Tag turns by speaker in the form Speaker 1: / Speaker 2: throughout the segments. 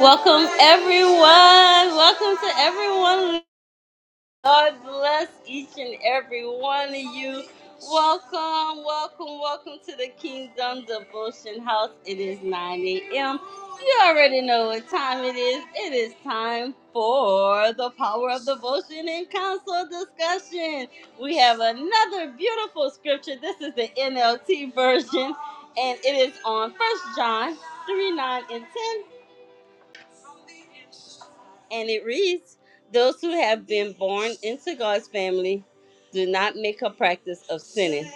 Speaker 1: Welcome, everyone. Welcome to everyone. God bless each and every one of you. Welcome, welcome, welcome to the Kingdom Devotion House. It is 9 a.m. You already know what time it is. It is time for the power of devotion and counsel discussion. We have another beautiful scripture. This is the NLT version, and it is on First John 3 9 and 10. And it reads Those who have been born into God's family do not make a practice of sinning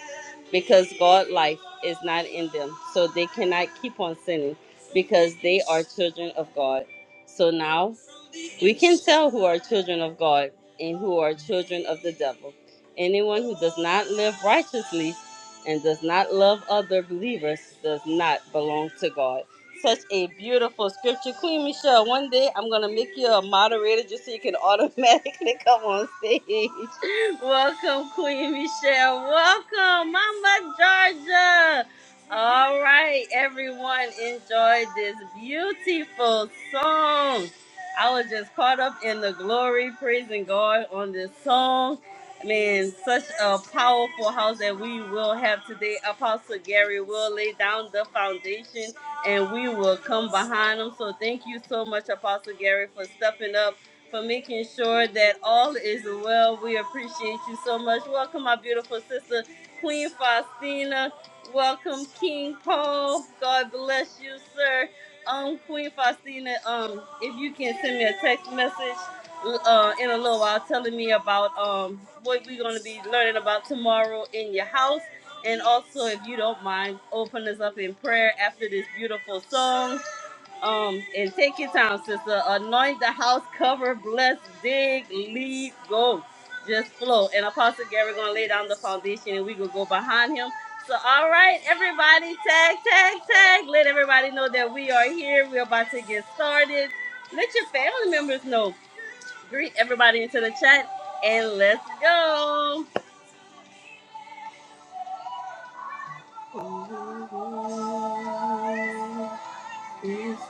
Speaker 1: because God's life is not in them. So they cannot keep on sinning because they are children of God. So now we can tell who are children of God and who are children of the devil. Anyone who does not live righteously and does not love other believers does not belong to God. Such a beautiful scripture. Queen Michelle, one day I'm going to make you a moderator just so you can automatically come on stage. Welcome, Queen Michelle. Welcome, Mama Georgia. All right, everyone, enjoy this beautiful song. I was just caught up in the glory, praising God on this song. Man, such a powerful house that we will have today. Apostle Gary will lay down the foundation and we will come behind him. So thank you so much, Apostle Gary, for stepping up, for making sure that all is well. We appreciate you so much. Welcome, my beautiful sister, Queen Faustina. Welcome, King Paul. God bless you, sir. Um, Queen Faustina, um, if you can send me a text message uh, in a little while telling me about um, what we're going to be learning about tomorrow in your house. And also, if you don't mind, open us up in prayer after this beautiful song. Um, and take your time, sister. Anoint the house, cover, bless, dig, lead, go. Just flow. And Apostle Gary gonna lay down the foundation and we gonna go behind him. So all right, everybody, tag, tag, tag. Let everybody know that we are here. We're about to get started. Let your family members know. Greet everybody into the chat and let's go. It's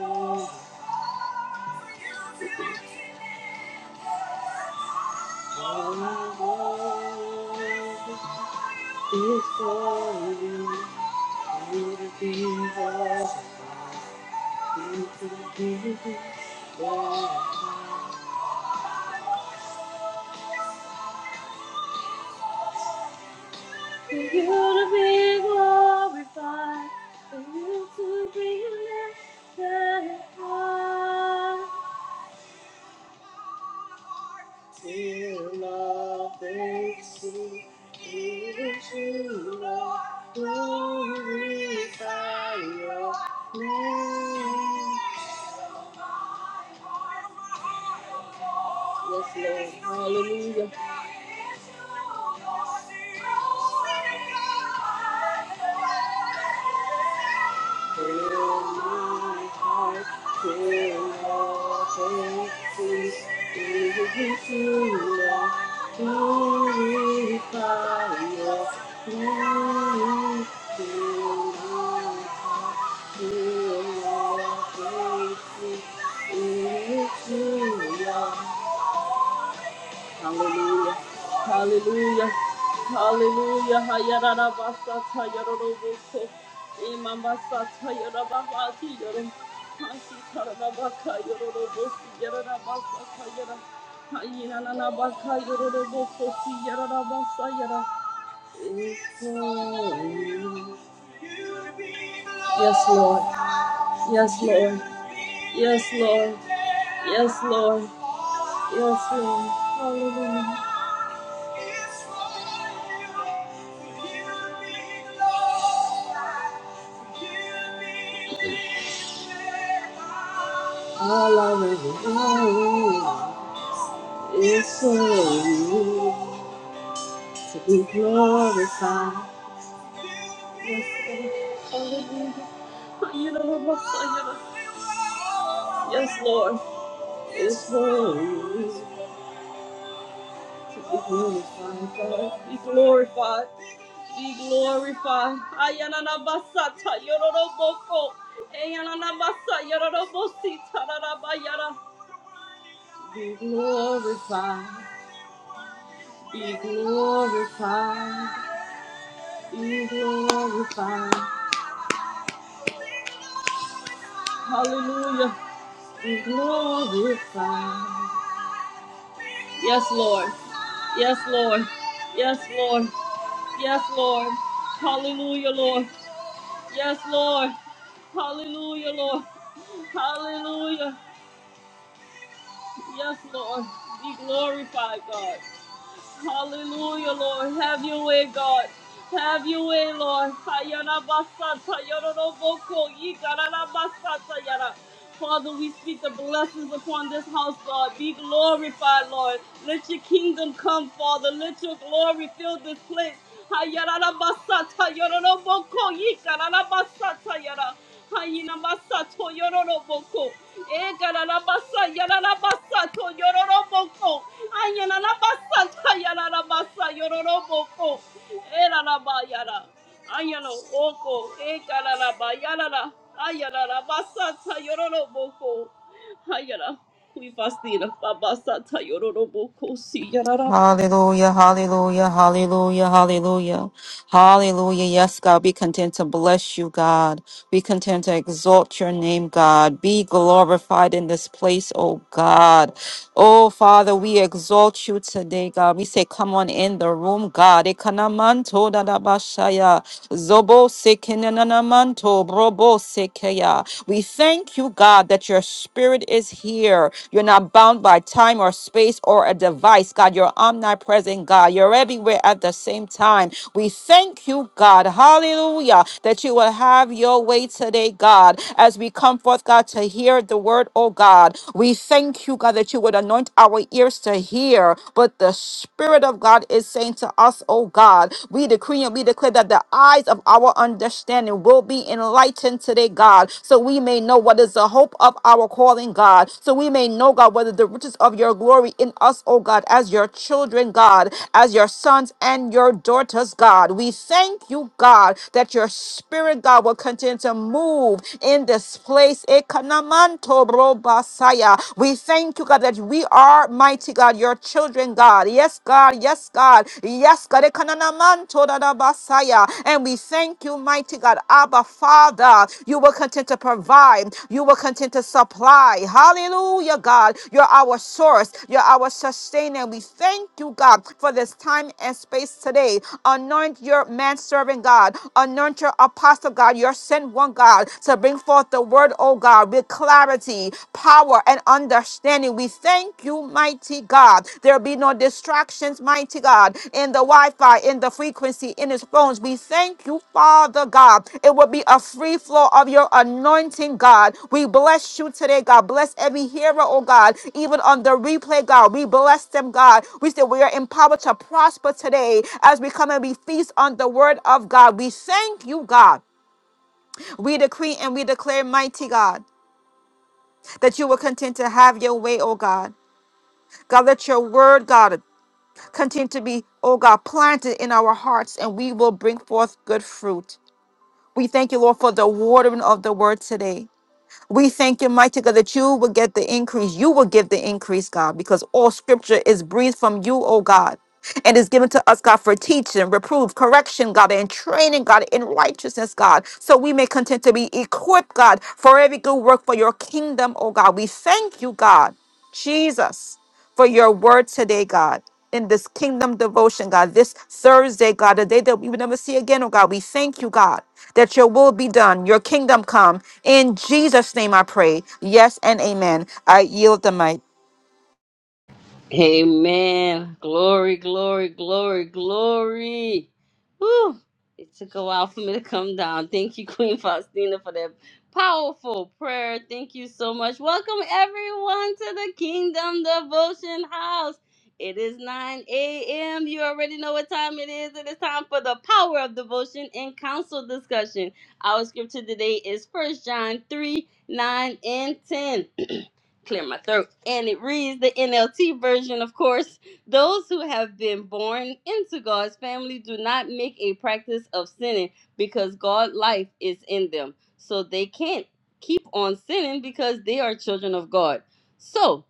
Speaker 1: all It's for you. You to be loved. You to be glorified. You to be glorified. Till all they see it is you, Lord. Glorify your name. Yes, Lord. Hallelujah. Hallelujah. Hallelujah. Hallelujah. Hallelujah. Hayarabasata yarorobose. Imambasata yarabahati yoro. Hasi tarabaka yororobosi yarabasata yara. Hayinanabaka yororobokosi yarabasa yara. Yes, Lord. Yes, Lord. Lord, All I really want is for you to be glorified. Yes, Lord. It's holy. It's glorified. Be glorified. Be glorified. Ayananabasata yororoboko. Ayananabasa yororobosi tararabayara. Be glorified. Be glorified. Be glorified. Hallelujah. Be glorified. Yes, Lord. Yes, Lord. Yes, Lord. Yes, Lord. Hallelujah, Lord. Yes, Lord. Hallelujah, Lord. Hallelujah. Yes, Lord. Be glorified, God. Hallelujah, Lord. Have your way, God. Have your way, Lord. Hayana basata, yororoboko, yikarara basata, yara. Father, we speak the blessings upon this house, God. Be glorified, Lord. Let your kingdom come, Father. Let your glory fill this place. Hayarara basata, yororoboko, yikarara basata, yara. Hayinamasa to yororoboko. Egararabasa yararabasa to yororoboko. Ayanarabasa ta yararabasa yororoboko. Eraraba yara. Ayano oko. Egararaba yarara. Ayararabasa ta yororoboko. Hayara. We fast in a babasa ta yororoboko si yararaba.
Speaker 2: Hallelujah, hallelujah, hallelujah, hallelujah, hallelujah. Yes, God, be content to bless you, God. Be content to exalt your name, God. Be glorified in this place, oh God. Oh Father, we exalt you today, God. We say, come on in the room, God. Ekanamanto dadabashaya, zobo sekenanamanto, brobo sekeya. We thank you, God, that you're spirit is here. You're not bound by time or space or a device. God, you're omnipresent, God. You're everywhere at the same time. We thank you, God. Hallelujah. That you will have your way today, God, as we come forth, God, to hear the word, oh God. We thank you, God, that you would anoint our ears to hear But the Spirit of God is saying to us, oh God. We decree and we declare that the eyes of our understanding will be enlightened today, God, so we may know what is the hope of our calling, God, so we may know, God, whether the riches of your glory in us, oh God, as your children, God, as your sons and your daughters, God. We thank you, God, that your spirit, God, will continue to move in this place. Ekanamanto robasaya. We thank you, God, that we are mighty, God, your children, God. Yes, God. God. Yes, God. Yes, God. Ekananamanto dadabasaya. And we thank you, mighty God. Abba, Father, you will continue to provide. You will continue to supply. Hallelujah, God. You're our source. You're our sustainer. We thank you, God, for this time and space today. Anoint your man servant, God. Anoint your apostle, God. Your sent one, God, to bring forth the word, oh God, with clarity, power and understanding. We thank you, mighty God. There be no distractions, mighty God, in the Wi Fi, in the frequency, in his phones. We thank you, Father God. It will be a free flow of your anointing, God. We bless you today, God. Bless every hearer, oh God, even on the replay, God. We bless them, God. We say we are empowered to prosper today as we come and we feast on the word of God. We thank you, God. We decree and we declare, mighty God that you will continue to have your way, oh God. God, let your word, God, continue to be, oh God, planted in our hearts, and we will bring forth good fruit. We thank you, Lord, for the watering of the word today. We thank you, mighty God, that you will get the increase. You will give the increase, God, because all scripture is breathed from you, oh God. And is given to us, God, for teaching, reproof, correction, God, and training, God, in righteousness, God, so we may continue to be equipped, God, for every good work for your kingdom, oh God. We thank you, God, Jesus for your word today, God. In this kingdom devotion, God, this Thursday, God, a day that we will never see again, oh God, we thank you, God, that your will be done, your kingdom come. In Jesus' name I pray. Yes and amen. I yield the mic.
Speaker 1: Amen. Glory, glory, glory, glory. Whew! It took a while for me to come down. Thank you, Queen Faustina, for that powerful prayer. Thank you so much. Welcome, everyone, to the Kingdom Devotion House. It is 9 a.m. You already know what time it is. It is time for the power of devotion and counsel discussion. Our scripture today is First John 3 9 and 10 clear my throat. And it reads the NLT version, of course. Those who have been born into God's family do not make a practice of sinning because God life is in them. So they can't keep on sinning because they are children of God. So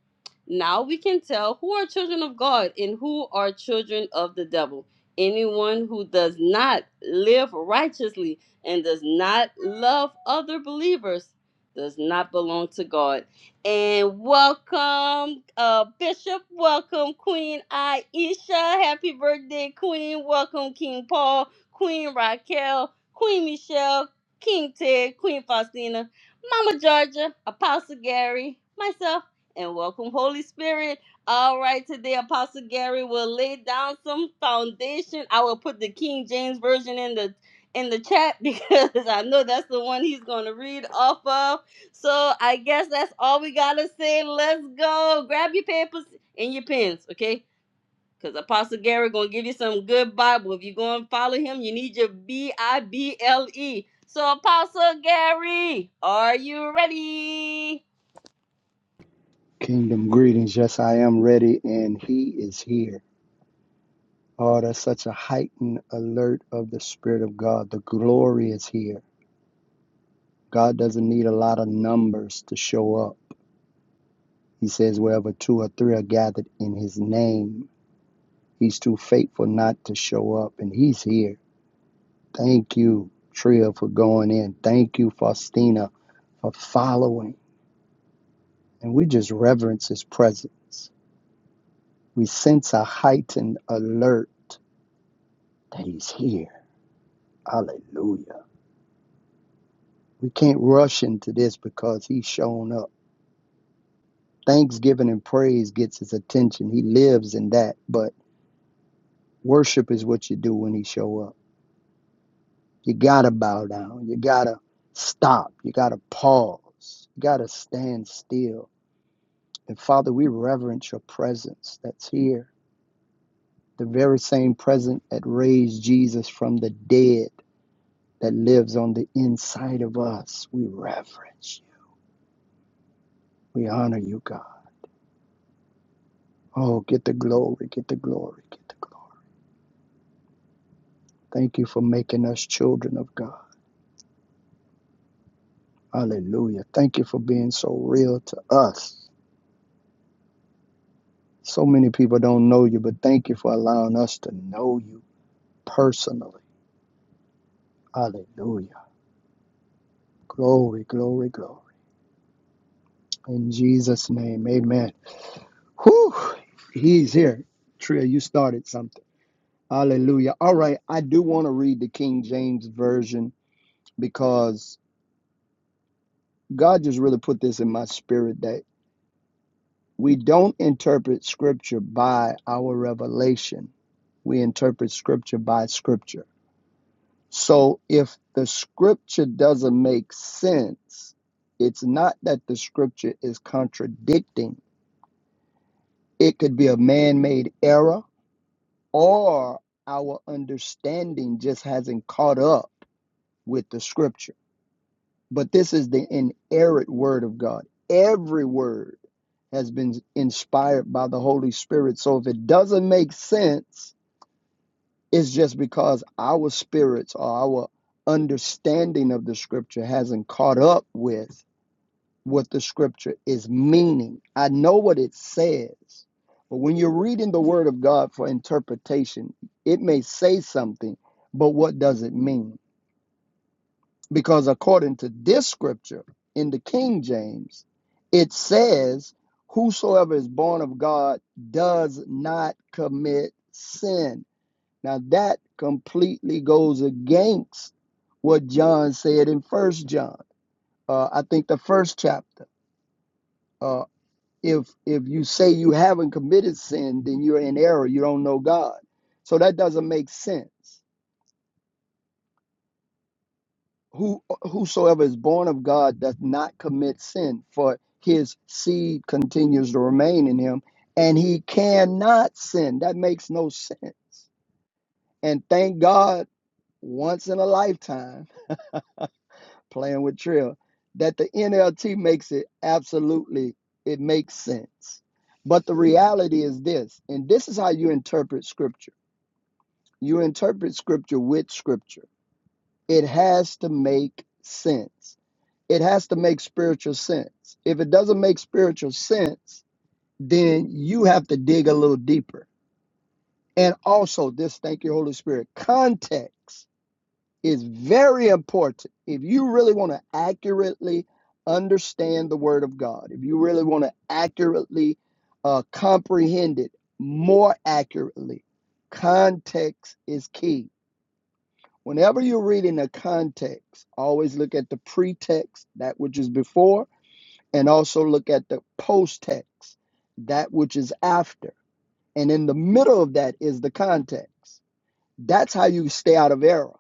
Speaker 1: now we can tell who are children of God and who are children of the devil. Anyone who does not live righteously and does not love other believers does not belong to God and welcome, uh, Bishop. Welcome, Queen Aisha. Happy birthday, Queen. Welcome, King Paul, Queen Raquel, Queen Michelle, King Ted, Queen Faustina, Mama Georgia, Apostle Gary, myself, and welcome, Holy Spirit. All right, today Apostle Gary will lay down some foundation. I will put the King James version in the in the chat because I know that's the one he's going to read off of so I guess that's all we gotta say. Let's go. Grab your papers and your pens, okay? Because Apostle Gary gonna give you some good Bible. If you gonna follow him, you need your B I B L E. So Apostle Gary, are you ready?
Speaker 3: Kingdom greetings. Yes, I am ready, and He is here. Oh, that's such a heightened alert of the Spirit of God. The glory is here. God doesn't need a lot of numbers to show up. He says, wherever two or three are gathered in His name, He's too faithful not to show up, and He's here. Thank you, Tria, for going in. Thank you, Faustina, for following. And we just reverence His presence. We sense a heightened alert that He's here. Hallelujah. We can't rush into this because he's shown up. Thanksgiving and praise gets his attention. He lives in that, but worship is what you do when he show up. You gotta bow down. You gotta stop. You gotta pause. You gotta stand still. And Father, we reverence your presence that's here. The very same presence that raised Jesus from the dead that lives on the inside of us. We reverence you. We honor you, God. Oh, get the glory, get the glory, get the glory. Thank you for making us children of God. Hallelujah. Thank you for being so real to us. So many people don't know you, but thank you for allowing us to know you personally. Hallelujah. Glory, glory, glory. In Jesus' name, amen. Whew, he's here. Tria, you started something. Hallelujah. All right, I do want to read the King James Version because God just really put this in my spirit that. We don't interpret scripture by our revelation. We interpret scripture by scripture. So if the scripture doesn't make sense, it's not that the scripture is contradicting. It could be a man made error or our understanding just hasn't caught up with the scripture. But this is the inerrant word of God. Every word has been inspired by the Holy Spirit. So if it doesn't make sense, It's just because our spirits or our understanding of the scripture hasn't caught up with what the scripture is meaning. I know what it says, but when you're reading the word of God for interpretation, it may say something, but what does it mean? Because according to this scripture in the King James, it says, Whosoever is born of God does not commit sin now that completely goes against what John said in First John. Uh, I think the first chapter. Uh, if if you say you haven't committed sin, then you're in error. You don't know God. So that doesn't make sense. Who whosoever is born of God does not commit sin, for his seed continues to remain in him, and he cannot sin. That makes no sense. And thank God, once in a lifetime playing with Trill, that the NLT makes it absolutely, it makes sense. But the reality is this, and this is how you interpret scripture. You interpret scripture with scripture. It has to make sense. It has to make spiritual sense. If it doesn't make spiritual sense, then you have to dig a little deeper. And also, this, thank you, Holy Spirit, context is very important. If you really want to accurately understand the Word of God, if you really want to accurately uh, comprehend it more accurately, context is key. Whenever you're reading a context, always look at the pretext, that which is before, and also look at the post-text, that which is after. And in the middle of that is the context. That's how you stay out of error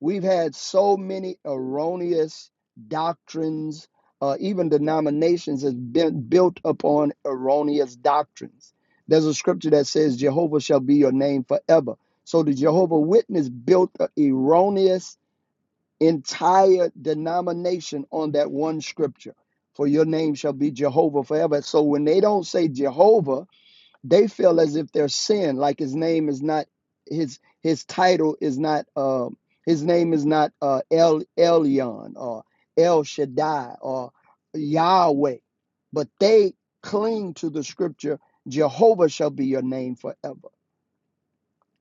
Speaker 3: We've had so many erroneous doctrines, uh, even denominations has been built upon erroneous doctrines. There's a scripture that says, Jehovah shall be your name forever. So the Jehovah Witness built an erroneous entire denomination on that one scripture. For your name shall be Jehovah forever. So when they don't say Jehovah, they feel as if they're sin like his name is not his his title is not uh, his name is not uh, El Elyon or El Shaddai or Yahweh, but they cling to the scripture Jehovah shall be your name forever.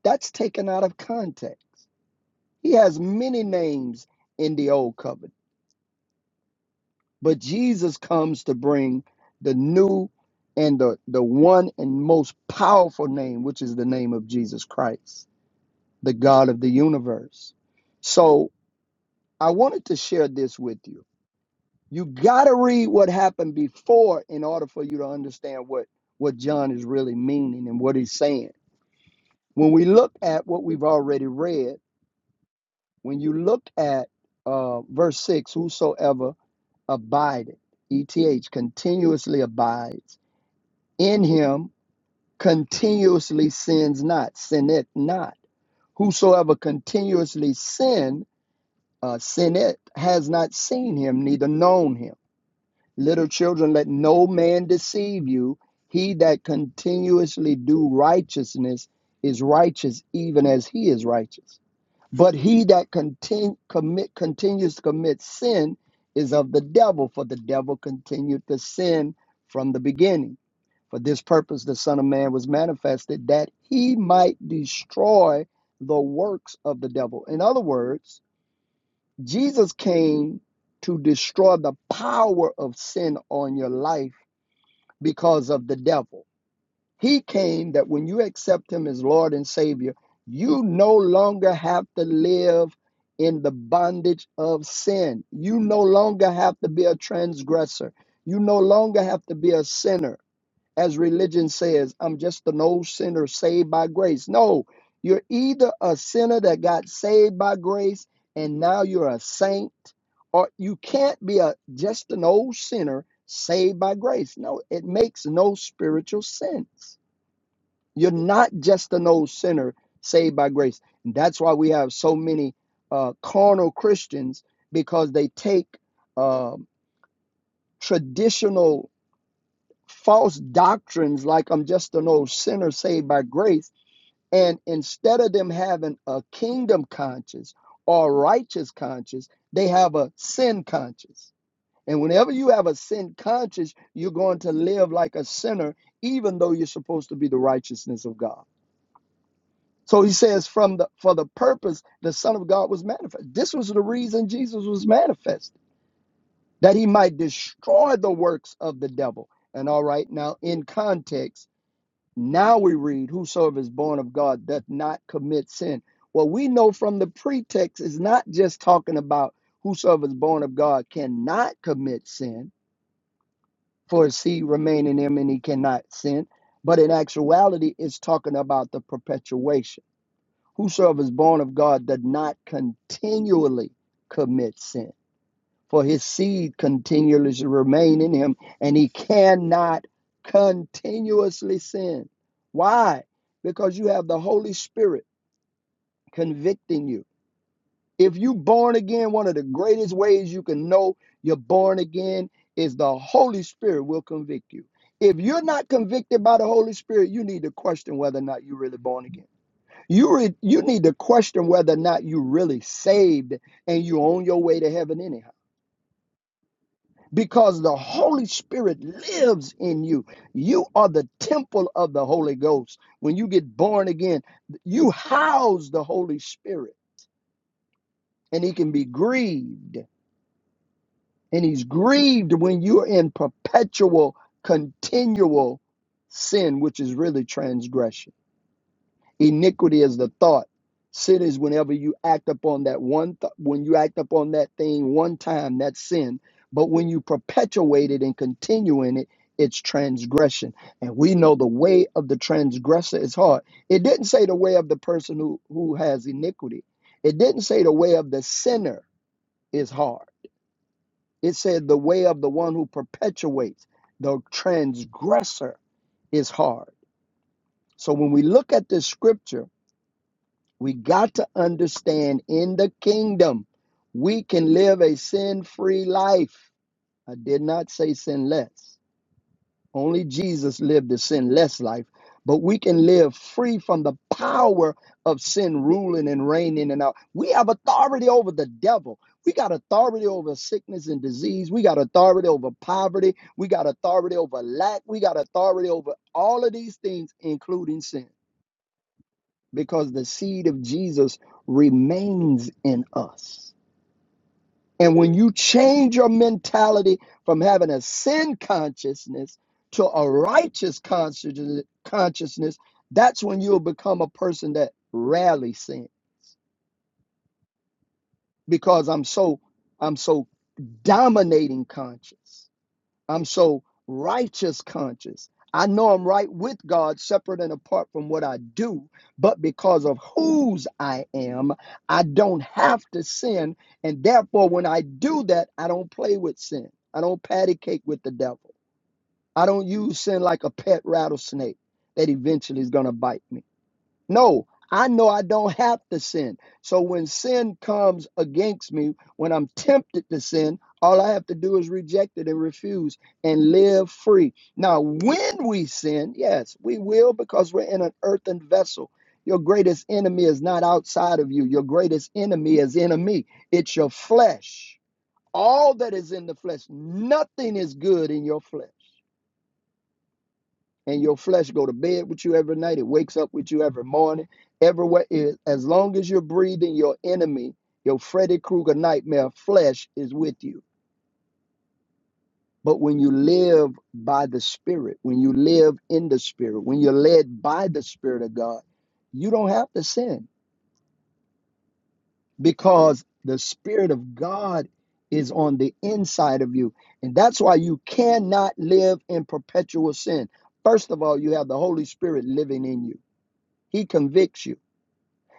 Speaker 3: That's taken out of context. He has many names in the old covenant, but Jesus comes to bring the new and the, the one and most powerful name, which is the name of Jesus Christ. the God of the universe. So I wanted to share this with you. You got to read what happened before in order for you to understand what, what John is really meaning and what he's saying. When we look at what we've already read, when you look at uh, verse 6, whosoever abideth, ETH, continuously abides in him, continuously sins not, sinneth not. Whosoever continuously sin uh, Sinet has not seen him, neither known him. Little children, let no man deceive you. He that continuously do righteousness is righteous, even as he is righteous. But he that continu- commit, continues to commit sin is of the devil, for the devil continued to sin from the beginning. For this purpose the Son of Man was manifested, that he might destroy the works of the devil. In other words, Jesus came to destroy the power of sin on your life because of the devil. He came that when you accept him as Lord and Savior, you no longer have to live in the bondage of sin. You no longer have to be a transgressor. You no longer have to be a sinner as religion says, I'm just an old sinner saved by grace. No, you're either a sinner that got saved by grace and now you're a saint, or you can't be a just an old sinner saved by grace. No, it makes no spiritual sense. You're not just an old sinner saved by grace. And that's why we have so many uh, carnal Christians because they take um traditional false doctrines like I'm just an old sinner saved by grace. And instead of them having a kingdom conscience or righteous conscience, they have a sin conscience. And whenever you have a sin conscience, you're going to live like a sinner, even though you're supposed to be the righteousness of God. So he says, from the for the purpose the Son of God was manifest. This was the reason Jesus was manifest, that he might destroy the works of the devil. And all right, now in context Now we read, Whosoever is born of God doth not commit sin. What we know from the pretext is not just talking about whosoever is born of God cannot commit sin, for his seed remain in him and he cannot sin. But in actuality, it's talking about the perpetuation. Whosoever is born of God does not continually commit sin for his seed continually to remain in him, and he cannot continuously sin. Why? Because you have the Holy Spirit convicting you. If you are born again, one of the greatest ways you can know you're born again is the Holy Spirit will convict you. If you're not convicted by the Holy Spirit, you need to question whether or not you're really born again. You re- you need to question whether or not you are really saved and you're on your way to heaven anyhow. because the Holy Spirit lives in you. You are the temple of the Holy Ghost. When you get born again, you house the Holy Spirit, and He can be grieved. And He's grieved when you're in perpetual, continual sin, which is really transgression. Iniquity is the thought. Sin is whenever you act upon that one, th- when you act upon that thing one time, that's sin. But when you perpetuate it and continue in it, it's transgression. And we know the way of the transgressor is hard. It didn't say the way of the person who, who has iniquity, it didn't say the way of the sinner is hard. It said the way of the one who perpetuates, the transgressor is hard. So when we look at this scripture, We got to understand in the kingdom, we can live a sin free life. I did not say sinless. Only Jesus lived a sinless life, but we can live free from the power of sin ruling and reigning and out. We have authority over the devil. We got authority over sickness and disease. We got authority over poverty. We got authority over lack. We got authority over all of these things, including sin because the seed of Jesus remains in us. And when you change your mentality from having a sin consciousness to a righteous consci- consciousness, that's when you'll become a person that rarely sins because I'm so I'm so dominating conscious. I'm so righteous conscious. I know I'm right with God, separate and apart from what I do, but because of whose I am, I don't have to sin. And therefore, when I do that, I don't play with sin. I don't patty cake with the devil. I don't use sin like a pet rattlesnake that eventually is going to bite me. No, I know I don't have to sin. So when sin comes against me, when I'm tempted to sin, all I have to do is reject it and refuse and live free. Now, when we sin, yes, we will because we're in an earthen vessel. Your greatest enemy is not outside of you. Your greatest enemy is in me. It's your flesh. All that is in the flesh. Nothing is good in your flesh and your flesh go to bed with you every night. It wakes up with you every morning. Everywhere, is, as long as you're breathing, your enemy, your Freddy Krueger nightmare flesh is with you. But when you live by the Spirit, when you live in the Spirit, when you're led by the Spirit of God, you don't have to sin because the Spirit of God is on the inside of you. And that's why you cannot live in perpetual sin. First of all, you have the Holy Spirit living in you, He convicts you.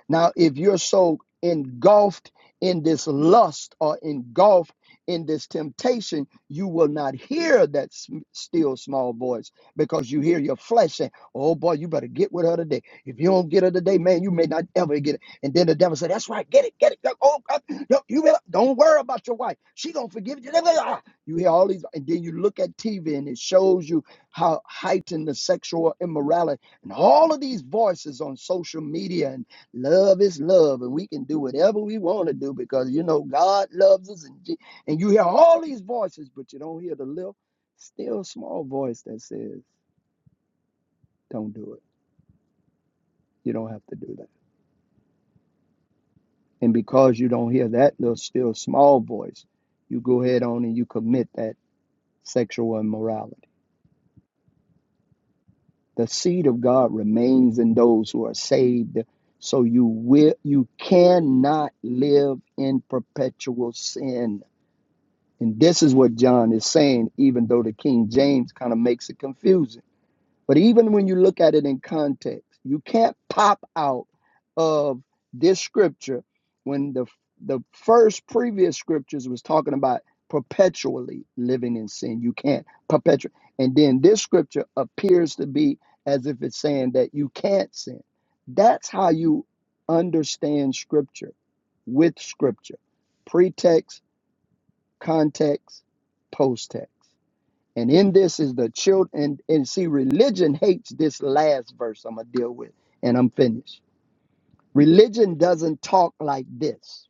Speaker 3: Now, if you're so engulfed in this lust or engulfed in this temptation, you will not hear that sm- still small voice because you hear your flesh saying, Oh boy, you better get with her today. If you don't get her today, man, you may not ever get it. And then the devil said, That's right, get it, get it. Yup, Oh, God, no, you better, don't worry about your wife. She gonna forgive you. You hear all these, and then you look at TV and it shows you how heightened the sexual immorality and all of these voices on social media Love is love, and we can do whatever we want to do because you know God loves us, and, Je- and you hear all these voices, but you don't hear the little, still small voice that says, "Don't do it. You don't have to do that." And because you don't hear that little, still small voice, you go ahead on and you commit that sexual immorality. The seed of God remains in those who are saved, so you will, you cannot live in perpetual sin. And this is what John is saying, even though the King James kind of makes it confusing. But even when you look at it in context, you can't pop out of this scripture when the the first previous scriptures was talking about perpetually living in sin. You can't perpetually. And then this scripture appears to be as if it's saying that you can't sin. That's how you understand scripture with scripture. Pretext context, post text. And in this is the children, and, and see, religion hates this last verse I'm going to deal with, and I'm finished. Religion doesn't talk like this.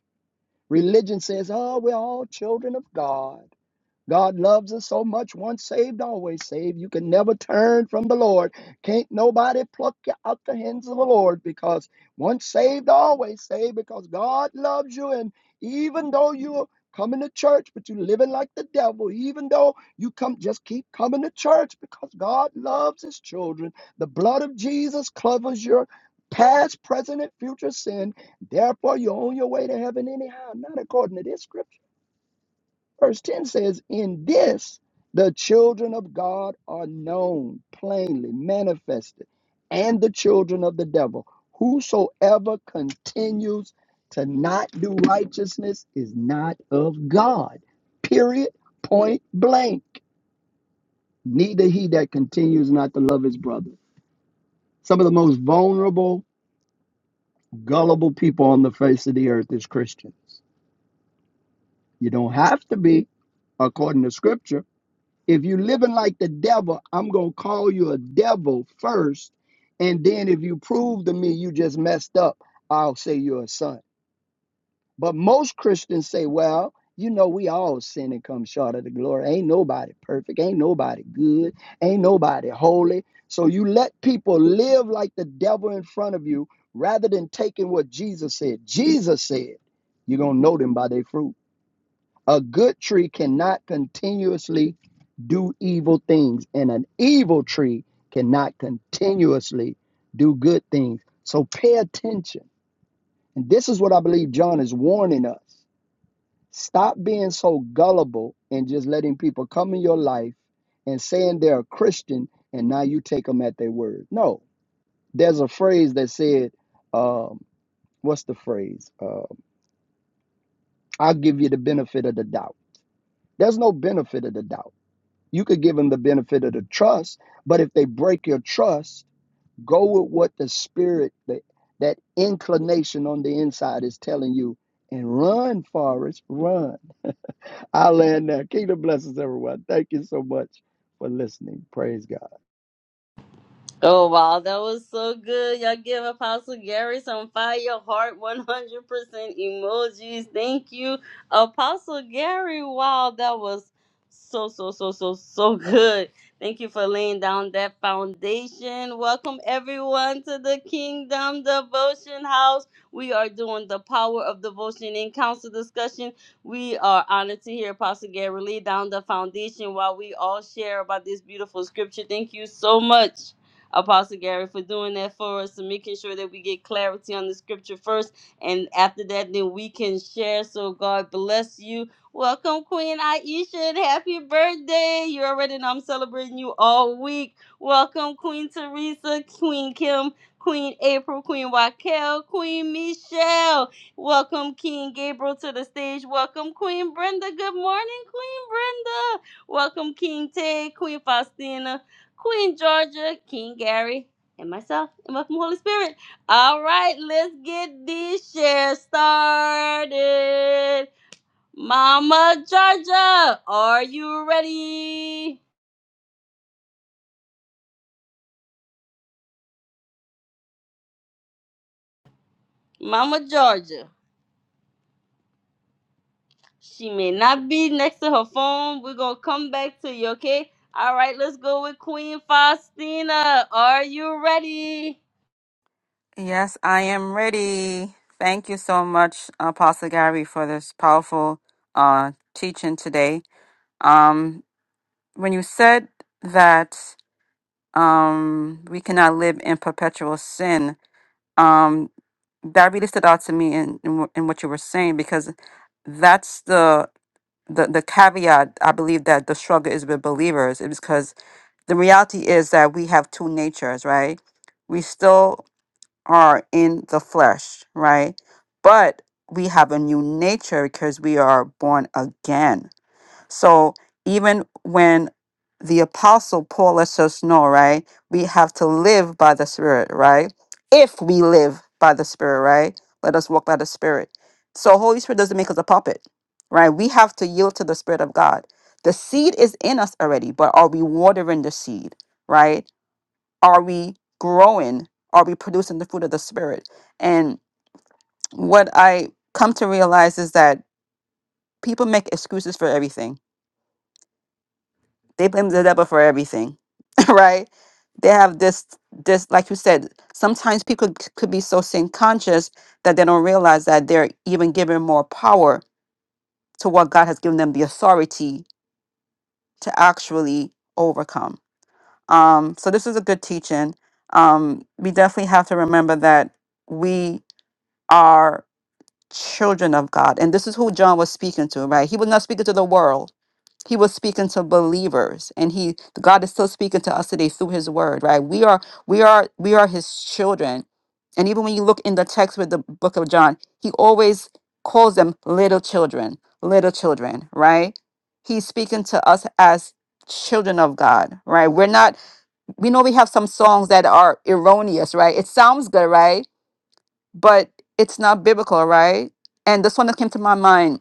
Speaker 3: Religion says, oh, we're all children of God. God loves us so much, once saved, always saved. You can never turn from the Lord. Can't nobody pluck you out the hands of the Lord because once saved, always saved because God loves you. And even though you're coming to church, but you're living like the devil, even though you come, just keep coming to church because God loves his children. The blood of Jesus covers your past, present, and future sin. Therefore, you're on your way to heaven anyhow, not according to this scripture. Verse 10 says, In this the children of God are known, plainly manifested, and the children of the devil. Whosoever continues to not do righteousness is not of God. Period. Point blank. Neither he that continues not to love his brother. Some of the most vulnerable, gullible people on the face of the earth is Christians. You don't have to be, according to scripture If you living like the devil, I'm gonna call you a devil first, and then if you prove to me you just messed up, I'll say you're a son. But most Christians say, well, you know, we all sin and come short of the glory. Ain't nobody perfect. Ain't nobody good. Ain't nobody holy. So you let people live like the devil in front of you rather than taking what Jesus said. Jesus said, you're going to know them by their fruit. A good tree cannot continuously do evil things, and an evil tree cannot continuously do good things. So pay attention. And this is what I believe John is warning us. Stop being so gullible and just letting people come in your life and saying they're a Christian and now you take them at their word. No, there's a phrase that said, um, what's the phrase? Uh, I'll give you the benefit of the doubt. There's no benefit of the doubt You could give them the benefit of the trust, but if they break your trust, go with what the spirit, that, that inclination on the inside is telling you, and run, Forrest, run. I land there. Kingdom blesses everyone. Thank you so much for listening. Praise God.
Speaker 1: Oh wow, that was so good. Y'all give Apostle Gary some fire heart 100% emojis. Thank you, Apostle Gary. Wow, that was so, so, so, so, so good. Thank you for laying down that foundation. Welcome everyone to the Kingdom Devotion House. We are doing the power of devotion and council discussion. We are honored to hear Apostle Gary lay down the foundation while we all share about this beautiful scripture. Thank you so much. Apostle Gary, for doing that for us and making sure that we get clarity on the scripture first. And after that, then we can share. So God bless you. Welcome, Queen Aisha, and happy birthday. You already know I'm celebrating you all week. Welcome, Queen Teresa, Queen Kim, Queen April, Queen Raquel, Queen Michelle. Welcome, King Gabriel, to the stage. Welcome, Queen Brenda. Good morning, Queen Brenda. Welcome, King Ted, Queen Faustina. Queen Georgia, King Gary, and myself, and welcome, Holy Spirit. All right, let's get this share started. Mama Georgia, are you ready? Mama Georgia, she may not be next to her phone. We're gonna come back to you, okay? All right, let's go with Queen Faustina. Are you ready?
Speaker 2: Yes, I am ready. Thank you so much, Apostle Gary, for this powerful uh, teaching today. Um, when you said that um, we cannot live in perpetual sin, um, that really stood out to me in, in wh- in what you were saying because that's the the the caveat I believe that the struggle is with believers is because the reality is that we have two natures, right? We still are in the flesh, right? But we have a new nature because we are born again so even when the apostle Paul lets us know, right, we have to live by the Spirit, right? If we live by the Spirit, right? Let us walk by the Spirit. So Holy Spirit doesn't make us a puppet, right? We have to yield to the Spirit of God. The seed is in us already, but are we watering the seed, right? Are we growing? Are we producing the fruit of the Spirit? And what I come to realize is that people make excuses for everything They blame the devil for everything, right? They have this, this like you said. Sometimes people c- could be so sin conscious that they don't realize that they're even given more power to what God has given them the authority to actually overcome. Um, so this is a good teaching. Um, we definitely have to remember that we are children of God, and this is who John was speaking to, right? He was not speaking to the world he was speaking to believers and he god is still speaking to us today through his word right we are we are we are his children and even when you look in the text with the book of john he always calls them little children little children right he's speaking to us as children of god right we're not we know we have some songs that are erroneous right it sounds good right but it's not biblical right and this one that came to my mind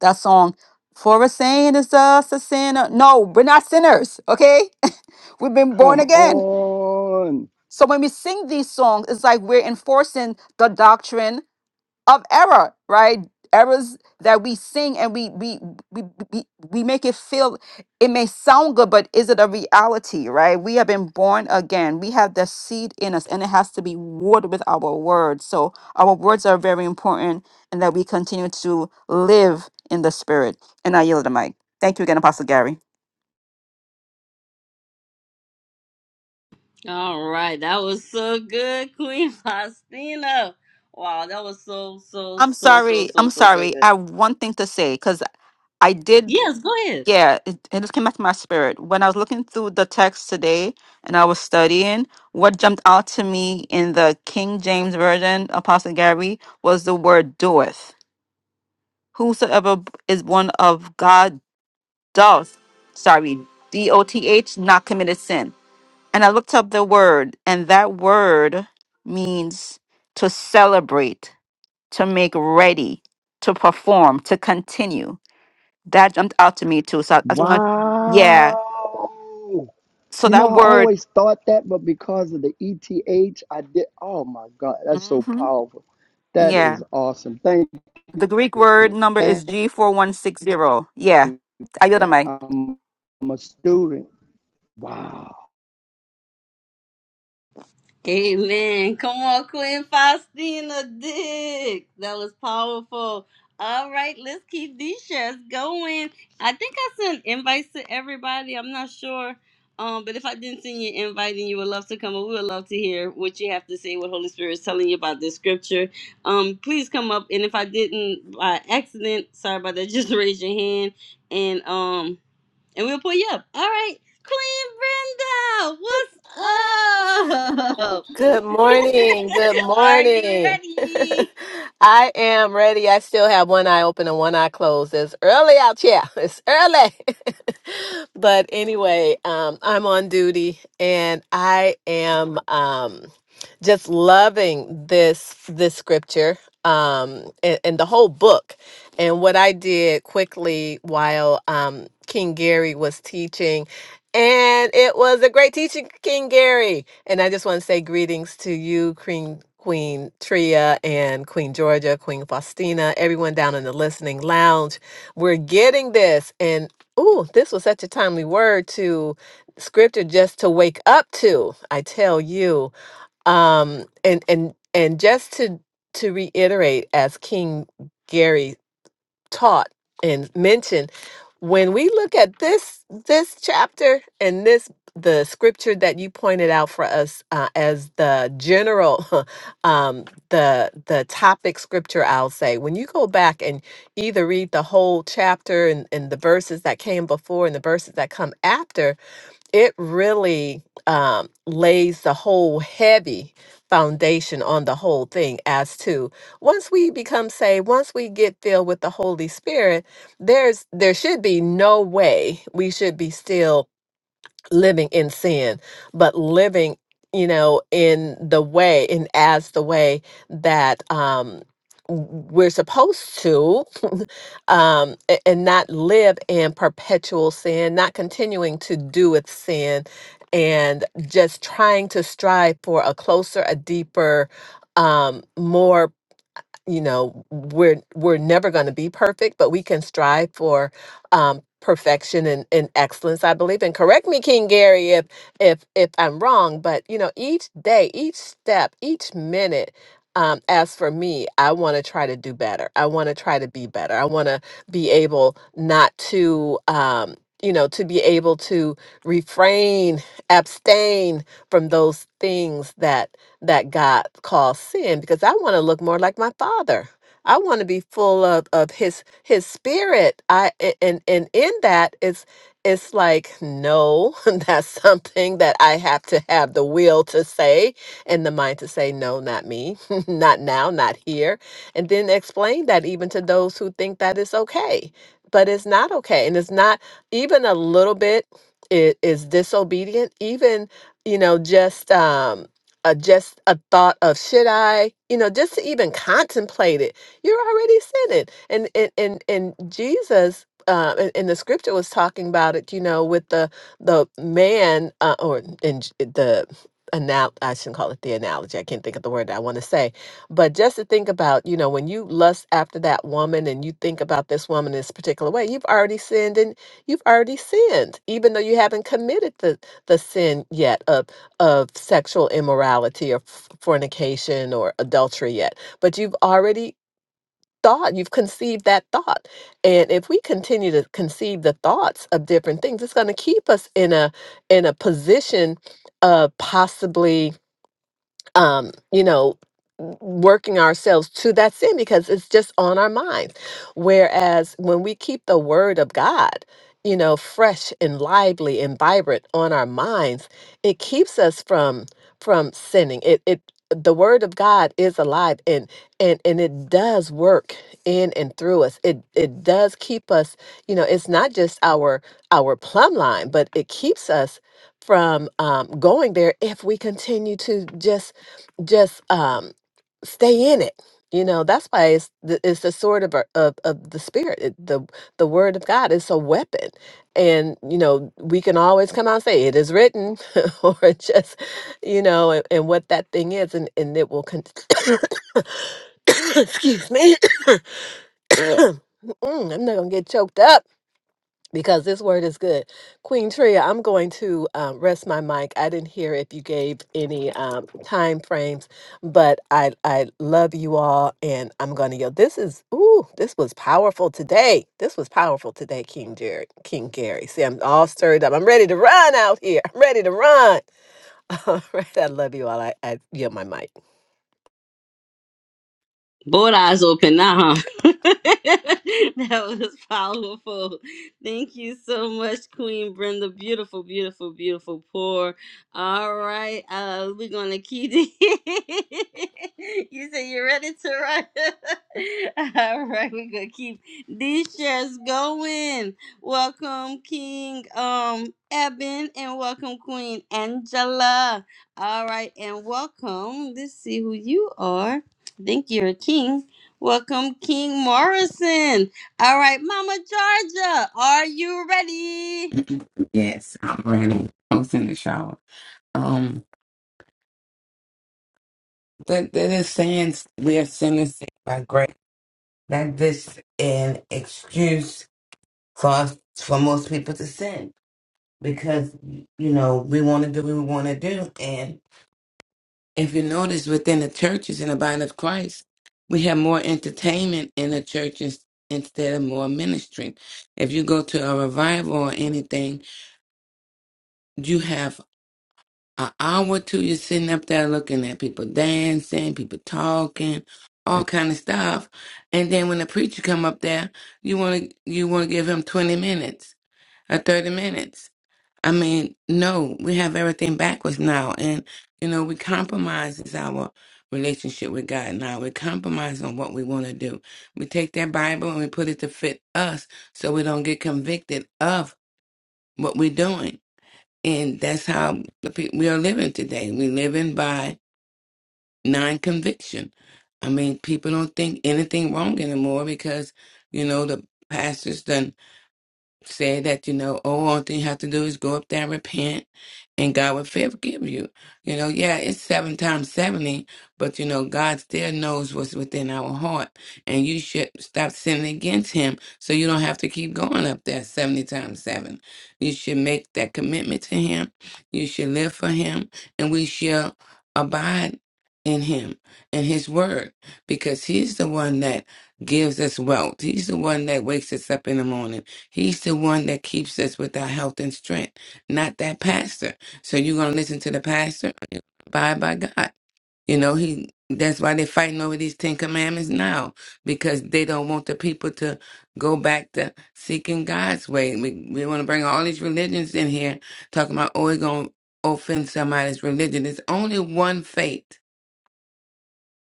Speaker 2: that song. For a saint is us a sinner. No, we're not sinners, okay? We've been born
Speaker 3: Come
Speaker 2: again.
Speaker 3: on.
Speaker 2: So when we sing these songs, it's like we're enforcing the doctrine of error, right? Errors that we sing and we we we we, we make it feel it may sound good, but is it a reality, right? We have been born again. We have the seed in us, and it has to be watered with our words. So our words are very important, and that we continue to live in the spirit. And I yield the mic. Thank you again, Apostle Gary.
Speaker 1: All right, that was so good, Queen Faustina. Wow, that was so so
Speaker 2: I'm
Speaker 1: so so
Speaker 2: sorry.
Speaker 1: so
Speaker 2: I'm
Speaker 1: so so
Speaker 2: sorry. I
Speaker 1: good.
Speaker 2: have one thing to say because I did.
Speaker 1: Yes, go ahead.
Speaker 2: Yeah, it, it just came back to my spirit. When I was looking through the text today and I was studying, what jumped out to me in the King James Version, Apostle Gary, was the word doeth. Whosoever b- is born of God doth, sorry, D O T H, not committed sin. And I looked up the word, and that word means to celebrate, to make ready, to perform, to continue. That jumped out to me too. So I just want, yeah.
Speaker 3: Wow.
Speaker 2: So
Speaker 3: You know,
Speaker 2: that
Speaker 3: I
Speaker 2: word,
Speaker 3: always thought that, but because of the E T H, I did. Oh my God, that's so
Speaker 2: hmm
Speaker 3: powerful. That
Speaker 2: yeah,
Speaker 3: is awesome. Thank
Speaker 2: the Greek word
Speaker 3: you.
Speaker 2: number is
Speaker 3: Thank
Speaker 2: G4160.
Speaker 3: you.
Speaker 2: Yeah. I got a
Speaker 3: that
Speaker 2: mic.
Speaker 3: I'm, I'm a student. Wow.
Speaker 1: Amen. Come on, Queen Faustina Dick. That was powerful. All right, let's keep these shares going. I think I sent invites to everybody. I'm not sure. Um, but if I didn't send you an invite and you would love to come, we would love to hear what you have to say, what Holy Spirit is telling you about this scripture. Um, please come up. And if I didn't by accident, sorry about that, just raise your hand and um and we'll pull you up. All right, Queen Brenda, what's up?
Speaker 4: Good morning. Good
Speaker 1: Are you
Speaker 4: morning.
Speaker 1: ready?
Speaker 4: I am ready. I still have one eye open and one eye closed. It's early out here. It's early. but anyway, um, I'm on duty and I am um, just loving this this scripture um, and, and the whole book. And what I did quickly while um, King Gary was teaching and it was a great teaching, King Gary. And I just want to say greetings to you, Queen, Queen Tria and Queen Georgia, Queen Faustina, everyone down in the listening lounge. We're getting this. And ooh, this was such a timely word to scripture just to wake up to, I tell you. Um, and and and just to to reiterate as King Gary taught and mentioned when we look at this this chapter and this the scripture that you pointed out for us uh, as the general um the the topic scripture i'll say when you go back and either read the whole chapter and, and the verses that came before and the verses that come after it really um, lays the whole heavy foundation on the whole thing as to once we become saved once we get filled with the holy spirit there's there should be no way we should be still living in sin but living you know in the way and as the way that um w- we're supposed to um, a- and not live in perpetual sin, not continuing to do with sin, and just trying to strive for a closer, a deeper, um, more you know we're we're never going to be perfect but we can strive for um perfection and, and excellence i believe and correct me king gary if if if i'm wrong but you know each day each step each minute um, as for me i want to try to do better i want to try to be better i want to be able not to um, you know to be able to refrain abstain from those things that that God calls sin because I want to look more like my father. I want to be full of, of his his spirit. I a- and and in that it's it's like no, that's something that I have to have the will to say and the mind to say no, not me, not now, not here. And then explain that even to those who think that it's okay. But it's not okay. And it's not even a little bit it is disobedient, even, you know, just um uh, just a thought of should I, you know, just to even contemplate it, you're already sinning. And and and, and Jesus. Uh, and, and the scripture was talking about it, you know, with the the man uh, or in J- the anal- I shouldn't call it the analogy. I can't think of the word that I want to say, but just to think about, you know, when you lust after that woman and you think about this woman this particular way, you've already sinned, and you've already sinned, even though you haven't committed the the sin yet of of sexual immorality or f- fornication or adultery yet, but you've already thought, you've conceived that thought. And if we continue to conceive the thoughts of different things, it's going to keep us in a in a position of possibly um, you know, working ourselves to that sin because it's just on our minds. Whereas when we keep the word of God, you know, fresh and lively and vibrant on our minds, it keeps us from from sinning. It it the word of God is alive and and and it does work in and through us. It it does keep us, you know, it's not just our our plumb line, but it keeps us from um, going there if we continue to just just um stay in it you know that's why it's the, it's the sword of, our- of of the spirit it, the the word of god is a weapon and you know we can always come out and say it is written or just you know and, and what that thing is and and it will con- excuse me Mm, i'm not gonna get choked up because this word is good. Queen Tria, I'm going to um, rest my mic. I didn't hear if you gave any um, time frames, but I I love you all, and I'm going to yell. This is ooh, this was powerful today. This was powerful today, King Jerry, King Gary. See, I'm all stirred up. I'm ready to run out here. I'm ready to run. All right, I love you all. I, I yield my mic.
Speaker 1: Both eyes open now, huh? that was powerful. Thank you so much, Queen Brenda. Beautiful, beautiful, beautiful pour. All right, uh, we're gonna keep it. you say you're ready to run. All right, we're gonna keep these shares going. Welcome, King um Eben, and welcome, Queen Angela. All right, and welcome. Let's see who you are. Think you're a king. Welcome, King Morrison. All right, Mama Georgia, are you ready?
Speaker 5: Yes, I'm running. I was in the shower. Um, that that is saying we are sentencing by grace. That this is an excuse for us, for most people to sin because you know we want to do what we want to do, and if you notice within the churches and the body of Christ, we have more entertainment in the churches instead of more ministry. If you go to a revival or anything, you have. an hour or two you're sitting up there looking at people dancing, people talking, all kind of stuff. And then when the preacher come up there, you wanna you wanna give him twenty minutes or thirty minutes. I mean, no, we have everything backwards now and you know, we compromise is our relationship with God now. We compromise on what we wanna do. We take that Bible and we put it to fit us so we don't get convicted of what we're doing and that's how the people, we are living today. we living by non conviction. I mean, people don't think anything wrong anymore because, you know, the pastors done said that you know oh, all thing you have to do is go up there and repent and god will forgive you you know yeah it's seven times 70 but you know god still knows what's within our heart and you should stop sinning against him so you don't have to keep going up there 70 times 7 you should make that commitment to him you should live for him and we shall abide in him and his word because he's the one that gives us wealth he's the one that wakes us up in the morning He's the one that keeps us with our health and strength, not that pastor. So you're gonna listen to the pastor, abide by God. You know, he that's why they're fighting over these Ten Commandments now, because they don't want the people to go back to seeking God's way. We we wanna bring all these religions in here, talking about oh, it's gonna offend somebody's religion. It's only one faith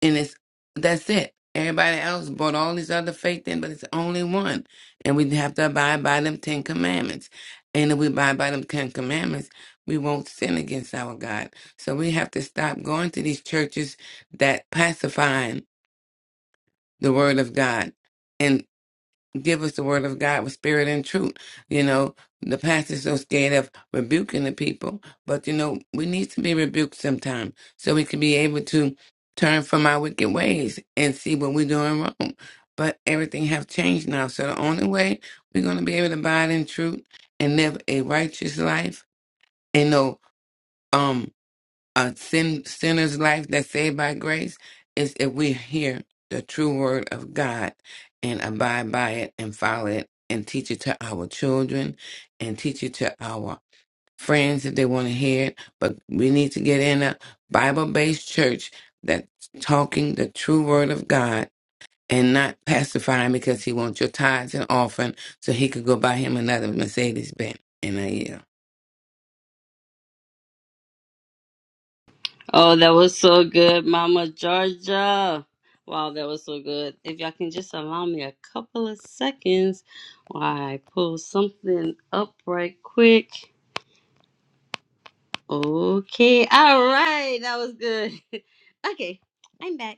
Speaker 5: and it's that's it. Everybody else brought all these other faith in, but it's only one, and we have to abide by them Ten Commandments. And if we abide by them Ten Commandments, we won't sin against our God. So we have to stop going to these churches that pacifying the Word of God give us the word of God with spirit and truth. You know, the pastor's so scared of rebuking the people, but you know, we need to be rebuked sometime so we can be able to turn from our wicked ways and see what we're doing wrong. But everything have changed now, so the only way we're gonna be able to abide in truth and live a righteous life and no. um a sin, sinner's life that's saved by grace is if we hear the true word of God and abide by it and follow it and teach it to our children and teach it to our friends if they want to hear it. But we need to get in a Bible based church that's talking the true word of God. And not pacifying because he wants your tithes and offering so he could go buy him another Mercedes Benz in a year.
Speaker 1: Oh, that was so good, Mama Georgia. Wow, that was so good. If y'all can just allow me a couple of seconds while I pull something up right quick. Okay, all right, that was good. okay, I'm back.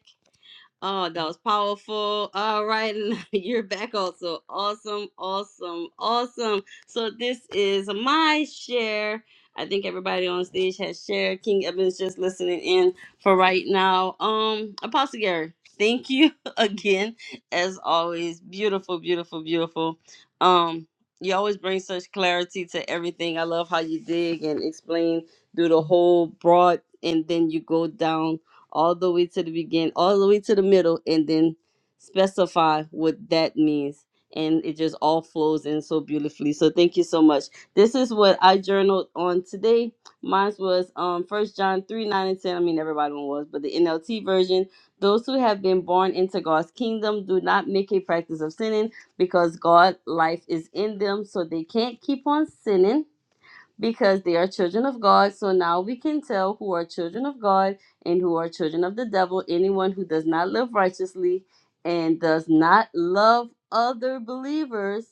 Speaker 1: Oh, that was powerful. All right, you're back also. Awesome, awesome, awesome. So this is my share. I think everybody on stage has shared. King Evan's just listening in for right now. Um, Apostle Gary, thank you again, as always. Beautiful, beautiful, beautiful. Um, you always bring such clarity to everything. I love how you dig and explain through the whole broad, and then you go down all the way to the begin, all the way to the middle, and then specify what that means. And it just all flows in so beautifully. So thank you so much. This is what I journaled on today. Mine was um First John three nine and ten. I mean everybody one was, but the NLT version. Those who have been born into God's kingdom do not make a practice of sinning because God life is in them, so they can't keep on sinning because they are children of God. So now we can tell who are children of God and who are children of the devil. Anyone who does not live righteously and does not love other believers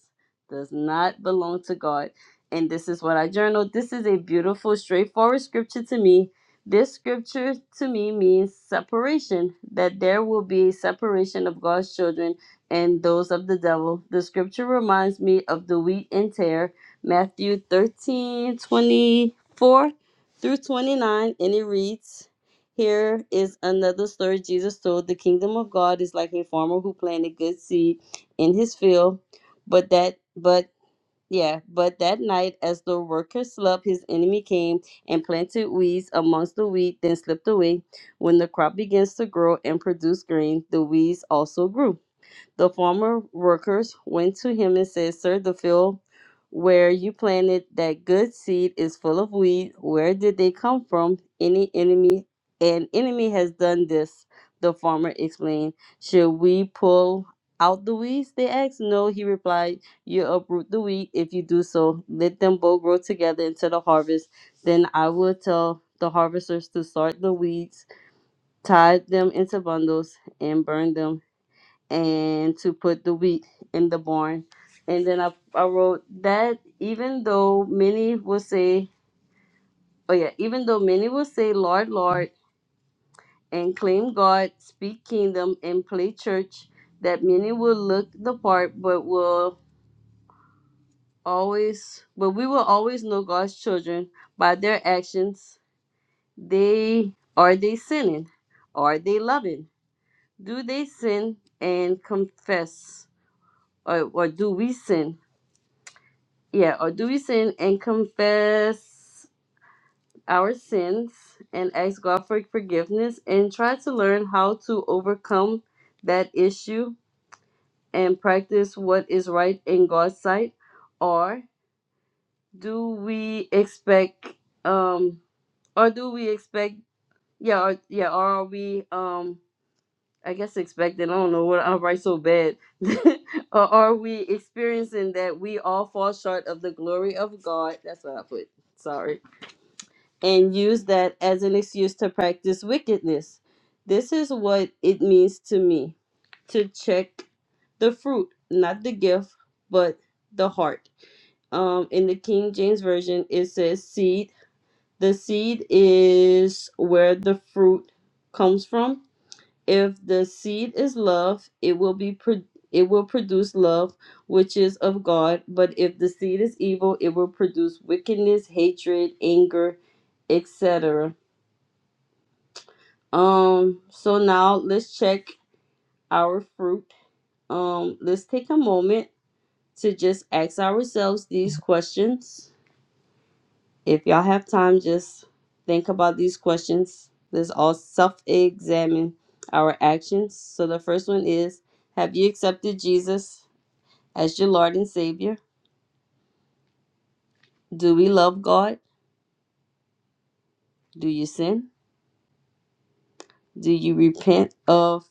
Speaker 1: does not belong to God. And this is what I journaled. This is a beautiful, straightforward scripture to me. This scripture to me means separation, that there will be a separation of God's children and those of the devil. The scripture reminds me of the wheat and tare Matthew 13 24 through 29, and it reads Here is another story Jesus told. The kingdom of God is like a farmer who planted good seed in his field, but that, but yeah, but that night, as the worker slept, his enemy came and planted weeds amongst the wheat, then slipped away. When the crop begins to grow and produce grain, the weeds also grew. The former workers went to him and said, Sir, the field where you planted that good seed is full of weed. Where did they come from? Any enemy, an enemy has done this, the farmer explained. Should we pull out the weeds? They asked. No, he replied. You uproot the wheat if you do so. Let them both grow together until the harvest. Then I will tell the harvesters to start the weeds, tie them into bundles, and burn them and to put the wheat in the barn. And then I, I wrote that even though many will say, oh yeah, even though many will say, Lord, Lord, and claim God, speak kingdom, and play church, that many will look the part, but will always, but we will always know God's children by their actions. They are they sinning? Are they loving? Do they sin and confess? Or, or do we sin? Yeah, or do we sin and confess our sins and ask God for forgiveness and try to learn how to overcome that issue and practice what is right in God's sight? Or do we expect um or do we expect yeah or, yeah or are we um I guess expecting I don't know what I write so bad or are we experiencing that we all fall short of the glory of God? That's what I put. Sorry. and use that as an excuse to practice wickedness. This is what it means to me to check the fruit, not the gift, but the heart. Um, in the King James Version, it says seed. The seed is where the fruit comes from. If the seed is love, it will be pro- it will produce love, which is of God. But if the seed is evil, it will produce wickedness, hatred, anger, etc Um, so now let's check our fruit. Um, let's take a moment to just ask ourselves these questions. If y'all have time, just think about these questions. Let's all self examine our actions. So the first one is Have you accepted Jesus as your Lord and Savior? Do we love God? Do you sin? Do you repent of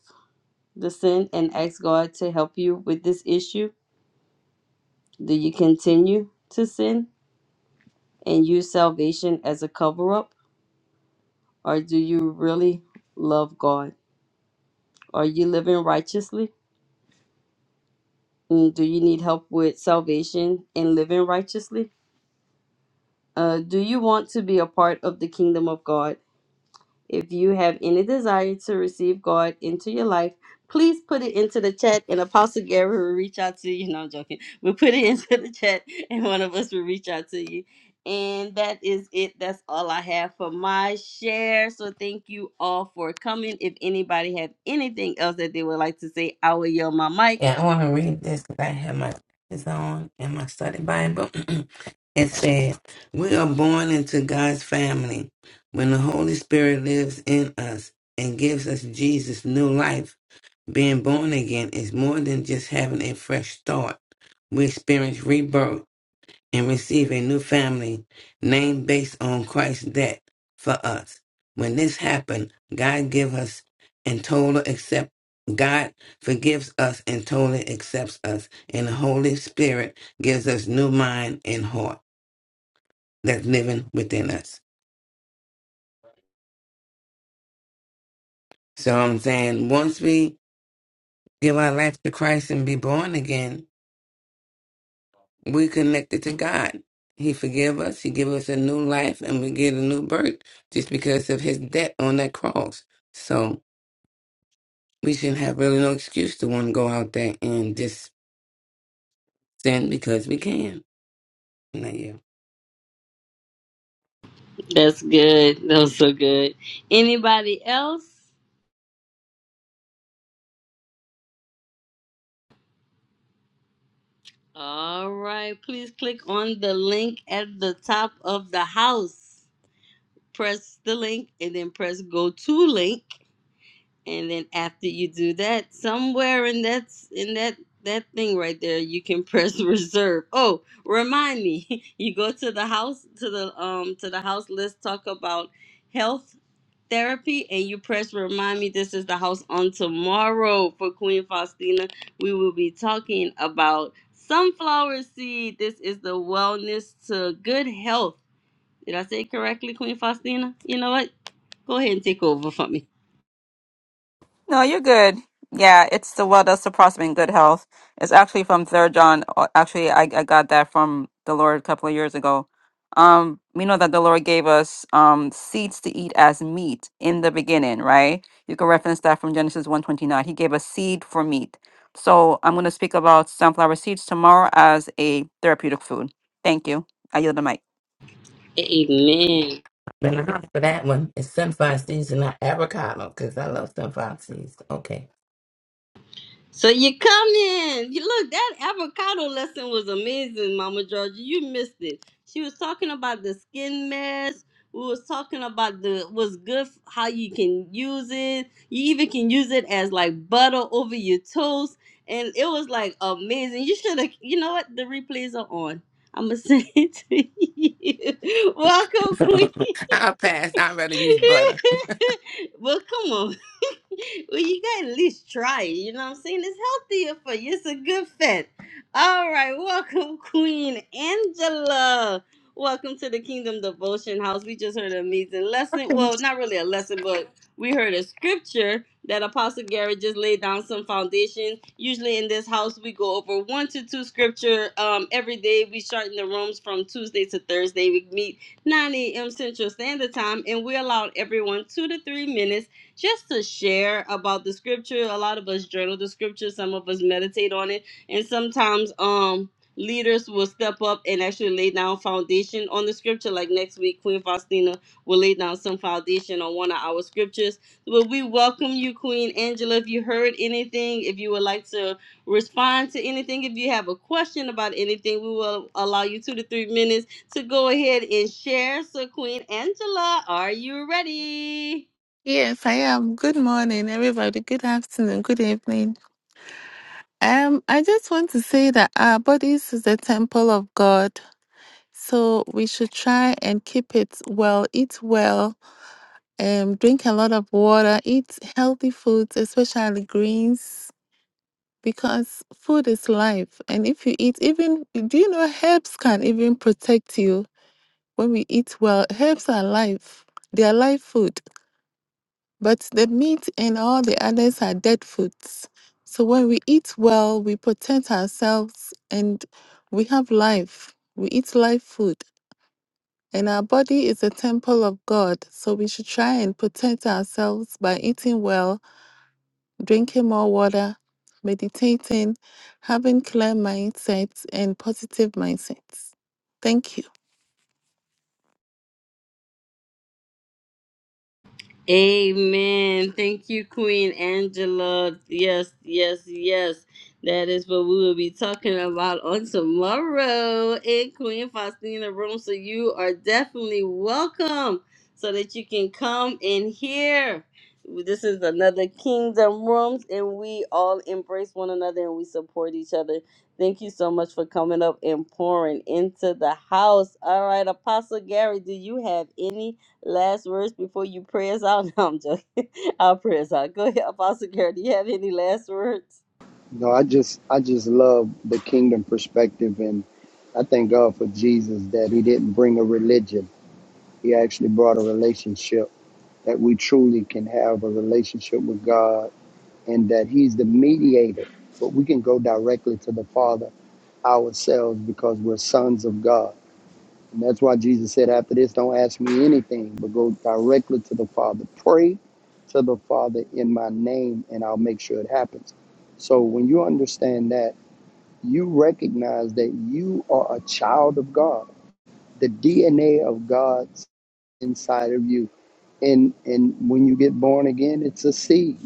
Speaker 1: the sin and ask God to help you with this issue? Do you continue to sin? and use salvation as a cover up? Or do you really love God? Are you living righteously? Mm, Do you need help with salvation and living righteously? Uh, do you want to be a part of the kingdom of God? If you have any desire to receive God into your life, please put it into the chat and Apostle Gary will reach out to you. No, I'm joking. We'll put it into the chat and one of us will reach out to you. And that is it. That's all I have for my share. So thank you all for coming. If anybody have anything else that they would like to say, I will yell my mic.
Speaker 5: Yeah, I want to read this because I have my glasses on and my study Bible. it said, We are born into God's family when the Holy Spirit lives in us and gives us Jesus' new life. Being born again is more than just having a fresh start. We experience rebirth and receive a new family name based on Christ's death for us. When this happened, God give us and total accept God forgives us and totally accepts us, and the Holy Spirit gives us new mind and heart that's living within us. So I'm saying once we give our life to Christ and be born again, we connected to God. He forgive us. He give us a new life, and we get a new birth just because of His death on that cross. So we shouldn't have really no excuse to want to go out there and just sin because we can. Not you.
Speaker 1: That's good. That was so good. Anybody else? All right. Please click on the link at the top of the house press the link and then press go to link and then after you do that somewhere in that's in that that thing right there you can press reserve oh remind me you go to the house to the um to the house let's talk about health therapy and you press remind me this is the house on tomorrow for queen faustina we will be talking about sunflower seed this is the wellness to good health did i say it correctly queen faustina you know what Go ahead and take over for me.
Speaker 2: No, you're good. Yeah, it's the well does the prospect in good health. It's actually from Third John. Uh, Actually, I, I got that from the Lord a couple of years ago. Um, we know that the Lord gave us um seeds to eat as meat in the beginning, right? You can reference that from Genesis one twenty nine. He gave us seed for meat. So I'm going to speak about sunflower seeds tomorrow as a therapeutic food. Thank you. I yield the mic.
Speaker 1: Amen.
Speaker 5: Been a for that one. It's sunflower seeds and not avocado because I love sunflower seeds. Okay.
Speaker 1: So you come in. You look, that avocado lesson was amazing, Mama Georgia. You missed it. She was talking about the skin mask. We was talking about the what's good, f- how you can use it. You even can use it as like butter over your toast, and it was like amazing. You should have. You know what? The replays are on. I'm gonna send it to you. Welcome, Queen.
Speaker 5: I'll pass. I'd rather use butter.
Speaker 1: well, come on. well, you gotta at least try it. You know what I'm saying? It's healthier for you. It's a good fit. All right, welcome, Queen Angela. Welcome to the Kingdom Devotion House. We just heard an amazing lesson. Well, not really a lesson, but we heard a scripture that Apostle Gary just laid down some foundation. Usually in this house, we go over one to two scripture um, every day. We start in the rooms from Tuesday to Thursday. We meet 9 a.m. Central Standard Time, and we allow everyone two to three minutes just to share about the scripture. A lot of us journal the scripture, some of us meditate on it, and sometimes um leaders will step up and actually lay down foundation on the scripture. Like next week, Queen Faustina will lay down some foundation on one of our scriptures. But we welcome you, Queen Angela. If you heard anything, if you would like to respond to anything, if you have a question about anything, we will allow you two to three minutes to go ahead and share. So, Queen Angela, are you ready?
Speaker 6: Yes, I am. Good morning, everybody. Good afternoon. Good evening. Um, I just want to say that our bodies is the temple of God, so we should try and keep it well, eat well, um, drink a lot of water, eat healthy foods, especially greens, because food is life. And if you eat, even do you know herbs can even protect you when we eat well. Herbs are life. They are life food. But the meat and all the others are dead foods. So when we eat well, we protect ourselves and we have life. We eat live food. And our body is a temple of God. So we should try and protect ourselves by eating well, drinking more water, meditating, having clear mindsets and positive mindsets. Thank you.
Speaker 1: Amen. Thank you, Queen Angela. Yes, yes, yes. That is what we will be talking about on tomorrow in Queen Faustina Room. So you are definitely welcome so that you can come in here. This is another Kingdom Rooms, and we all embrace one another and we support each other. Thank you so much for coming up and pouring into the house. All right, Apostle Gary, do you have any? Last words before you pray us out. No, I'm joking. I'll pray us out. Go ahead, Apostle Gary. Do you have any last words?
Speaker 3: No, I just I just love the kingdom perspective, and I thank God for Jesus that He didn't bring a religion. He actually brought a relationship that we truly can have a relationship with God, and that He's the mediator. But we can go directly to the Father ourselves because we're sons of God. And that's why Jesus said, after this, don't ask me anything, but go directly to the Father. Pray to the Father in my name, and I'll make sure it happens. So when you understand that, you recognize that you are a child of God. The DNA of God's inside of you. And and when you get born again, it's a seed.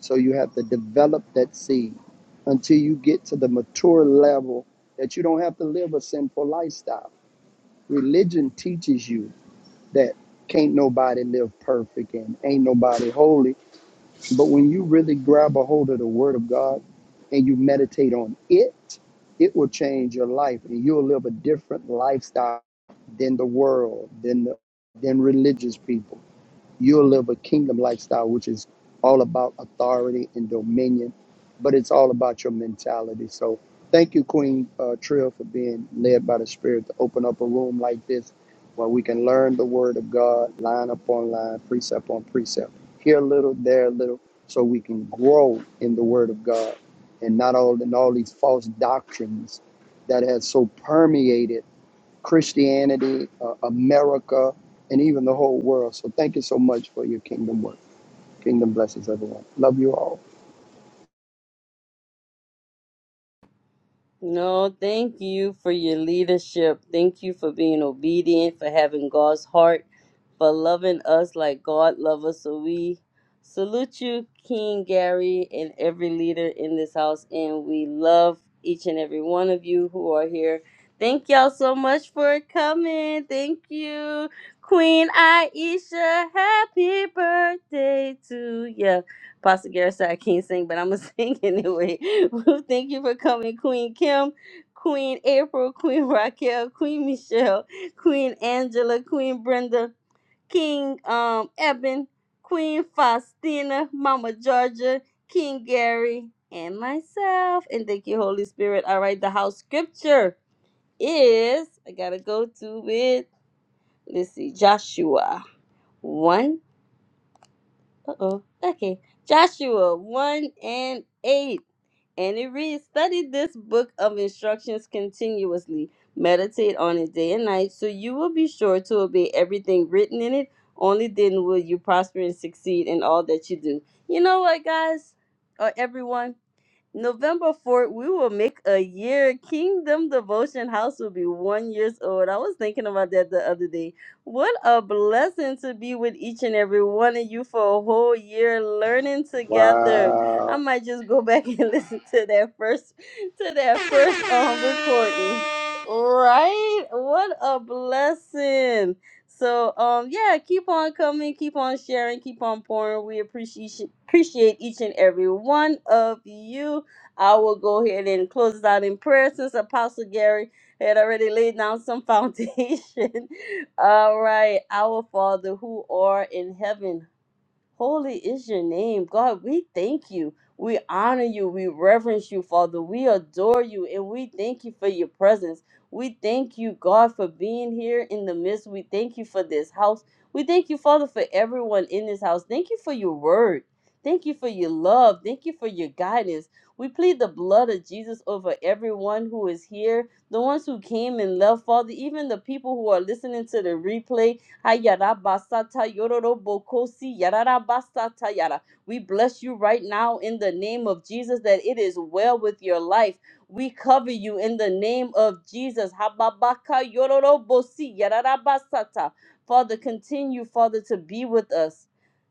Speaker 3: So you have to develop that seed until you get to the mature level that you don't have to live a sinful lifestyle. Religion teaches you that can't nobody live perfect and ain't nobody holy. But when you really grab a hold of the word of God and you meditate on it, it will change your life and you'll live a different lifestyle than the world, than the than religious people. You'll live a kingdom lifestyle, which is all about authority and dominion, but it's all about your mentality. So thank you, Queen uh, Trill, for being led by the Spirit to open up a room like this where we can learn the Word of God line upon line, precept on precept, here a little, there a little, so we can grow in the Word of God and not all in all these false doctrines that has so permeated Christianity, uh, America, and even the whole world. So thank you so much for your kingdom work. Kingdom blessings, everyone. Love you all.
Speaker 1: No, thank you for your leadership. Thank you for being obedient, for having God's heart, for loving us like God loves us. So we salute you, King Gary, and every leader in this house. And we love each and every one of you who are here. Thank y'all so much for coming. Thank you, Queen Aisha. Happy birthday to you. Pastor Garrett said I can't sing, but I'm gonna sing anyway. Well, thank you for coming, Queen Kim, Queen April, Queen Raquel, Queen Michelle, Queen Angela, Queen Brenda, King um Eben, Queen Faustina, Mama Georgia, King Gary, and myself. And thank you, Holy Spirit. All right, the house scripture is I gotta go to it. Let's see, Joshua one. Uh oh. Okay. Joshua 1 and 8. And it reads Study this book of instructions continuously, meditate on it day and night, so you will be sure to obey everything written in it. Only then will you prosper and succeed in all that you do. You know what, guys? Or everyone? November 4th, we will make a year. Kingdom Devotion House will be one years old. I was thinking about that the other day. What a blessing to be with each and every one of you for a whole year learning together. I
Speaker 3: Wow.
Speaker 1: might just go back and listen to that first to that first um recording. Right? What a blessing. So um yeah, keep on coming, keep on sharing, keep on pouring. We appreciate appreciate each and every one of you. I will go ahead and close it out in prayer since Apostle Gary had already laid down some foundation. All right. Our Father who are in heaven, Holy is your name. God, we thank you. We honor you. We reverence you, Father. We adore you and we thank you for your presence. We thank you, God, for being here in the midst. We thank you for this house. We thank you, Father, for everyone in this house. Thank you for your word. Thank you for your love. Thank you for your guidance. We plead the blood of Jesus over everyone who is here, the ones who came and left, Father, even the people who are listening to the replay. Ayarabasata yororobokosi yararabasata yara. We bless you right now in the name of Jesus that it is well with your life. We cover you in the name of Jesus. Hababaka yororobosi yararabasata. Father, continue, Father, to be with us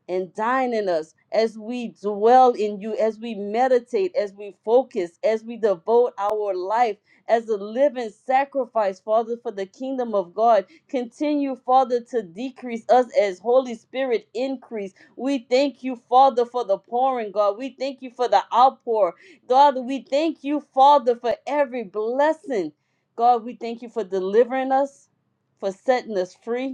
Speaker 1: and dine in us as we dwell in you, as we meditate, as we focus, as we devote our life as a living sacrifice, Father, for the kingdom of God. Continue, Father, to decrease us as Holy Spirit increase. We thank you, Father, for the pouring, God. We thank you for the outpour. God, we thank you, Father, for every blessing. God, we thank you for delivering us, for setting us free.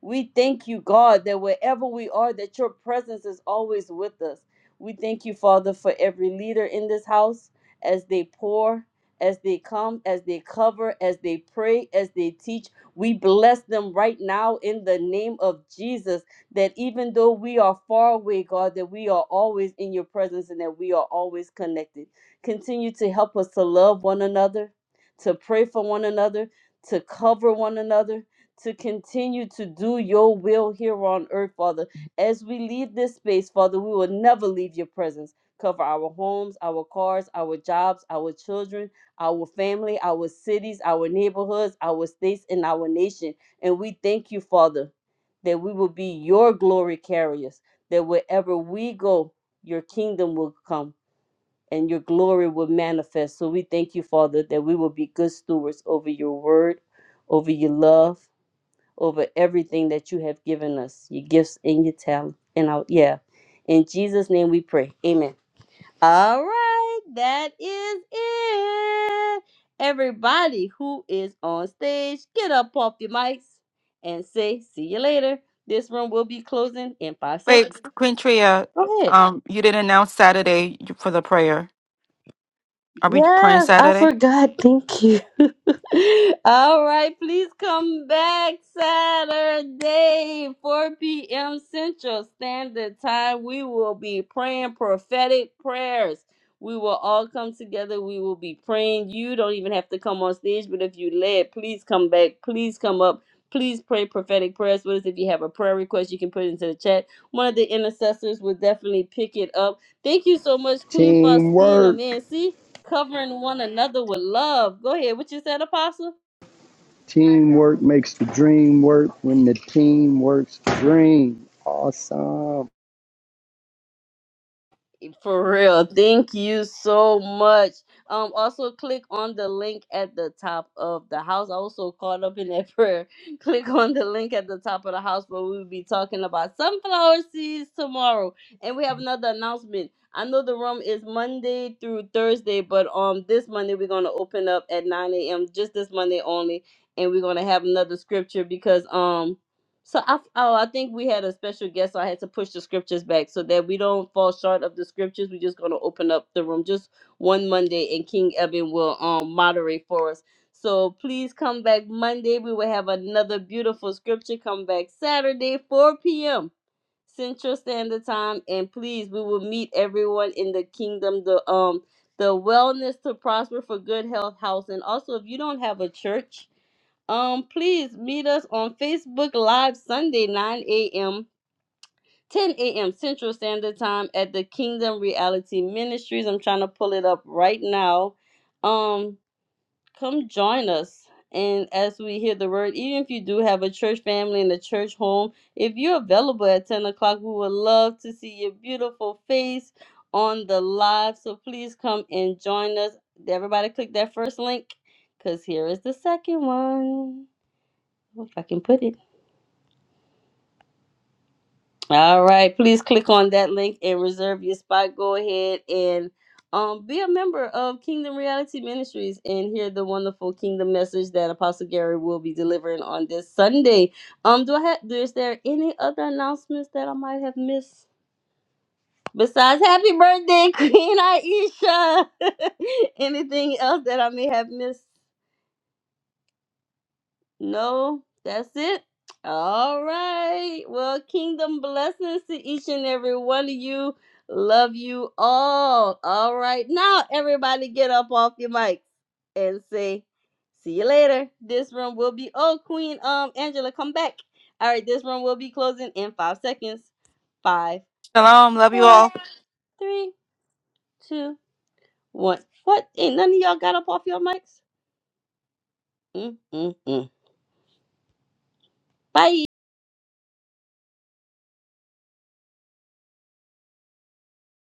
Speaker 1: We thank you, God, that wherever we are, that your presence is always with us. We thank you, Father, for every leader in this house as they pour, as they come, as they cover, as they pray, as they teach. We bless them right now in the name of Jesus, that even though we are far away, God, that we are always in your presence and that we are always connected. Continue to help us to love one another, to pray for one another, to cover one another to continue to do your will here on earth, Father. As we leave this space, Father, we will never leave your presence. Cover our homes, our cars, our jobs, our children, our family, our cities, our neighborhoods, our states, and our nation. And we thank you, Father, that we will be your glory carriers, that wherever we go, your kingdom will come and your glory will manifest. So we thank you, Father, that we will be good stewards over your word, over your love over everything that you have given us, your gifts and your talent. And our, yeah, in Jesus' name we pray. Amen. All right, that is it. Everybody who is on stage, get up off your mics and say, see you later. This room will be closing in five
Speaker 2: Wait,
Speaker 1: seconds.
Speaker 2: Quintria,
Speaker 1: Go ahead.
Speaker 2: um, you didn't announce Saturday for the prayer. Are we praying
Speaker 1: Yes, I
Speaker 2: Saturday?
Speaker 1: forgot. Thank you. All right, please come back Saturday, 4 p.m. Central Standard Time. We will be praying prophetic prayers. We will all come together. We will be praying. You don't even have to come on stage, but if you led, please come back. Please come up. Please pray prophetic prayers with us. If you have a prayer request, you can put it into the chat. One of the intercessors will definitely pick it up. Thank you so much, Queen Faustina,
Speaker 3: Teamwork.
Speaker 1: man. See, covering one another with love. Go ahead, what you said, Apostle?
Speaker 3: Teamwork makes the dream work. When the team works, the dream. Awesome.
Speaker 1: For real. Thank you so much. Um, also click on the link at the top of the house. I also caught up in that prayer. Click on the link at the top of the house where we'll be talking about sunflower seeds tomorrow. And we have another announcement. I know the room is Monday through Thursday, but um this Monday we're gonna open up at 9 a.m. just this Monday only. And we're gonna have another scripture because um So I, oh, I think we had a special guest, so I had to push the scriptures back so that we don't fall short of the scriptures. We're just gonna open up the room just one Monday, and King Eben will um moderate for us. So please come back Monday. We will have another beautiful scripture. Come back Saturday, 4 p.m. Central Standard Time, and please, we will meet everyone in the kingdom. The um the wellness to prosper for good health house, and also if you don't have a church um, please meet us on Facebook Live Sunday, 9 a.m., 10 a.m. Central Standard Time at the Kingdom Reality Ministries. I'm trying to pull it up right now. Um, come join us. And as we hear the word, even if you do have a church family and a church home, if you're available at 10 o'clock, we would love to see your beautiful face on the live. So please come and join us. Everybody, click that first link because here is the second one. Oh, If I can put it. All right. Please click on that link and reserve your spot. Go ahead and um, be a member of Kingdom Reality Ministries and hear the wonderful kingdom message that Apostle Gary will be delivering on this Sunday. Um, do I have? Is there any other announcements that I might have missed? Besides, happy birthday, Queen Aisha. Anything else that I may have missed? No, that's it. All right. Well, kingdom blessings to each and every one of you. Love you all. All right. Now, everybody get up off your mics and say, see you later. This room will be, oh, Queen um, Angela, come back. All right. This room will be closing in five seconds. Five,
Speaker 2: Shalom. Love you
Speaker 1: four,
Speaker 2: all.
Speaker 1: three, two, one. What? Ain't none of y'all got up off your mics? Mm, mm, mm. Bye.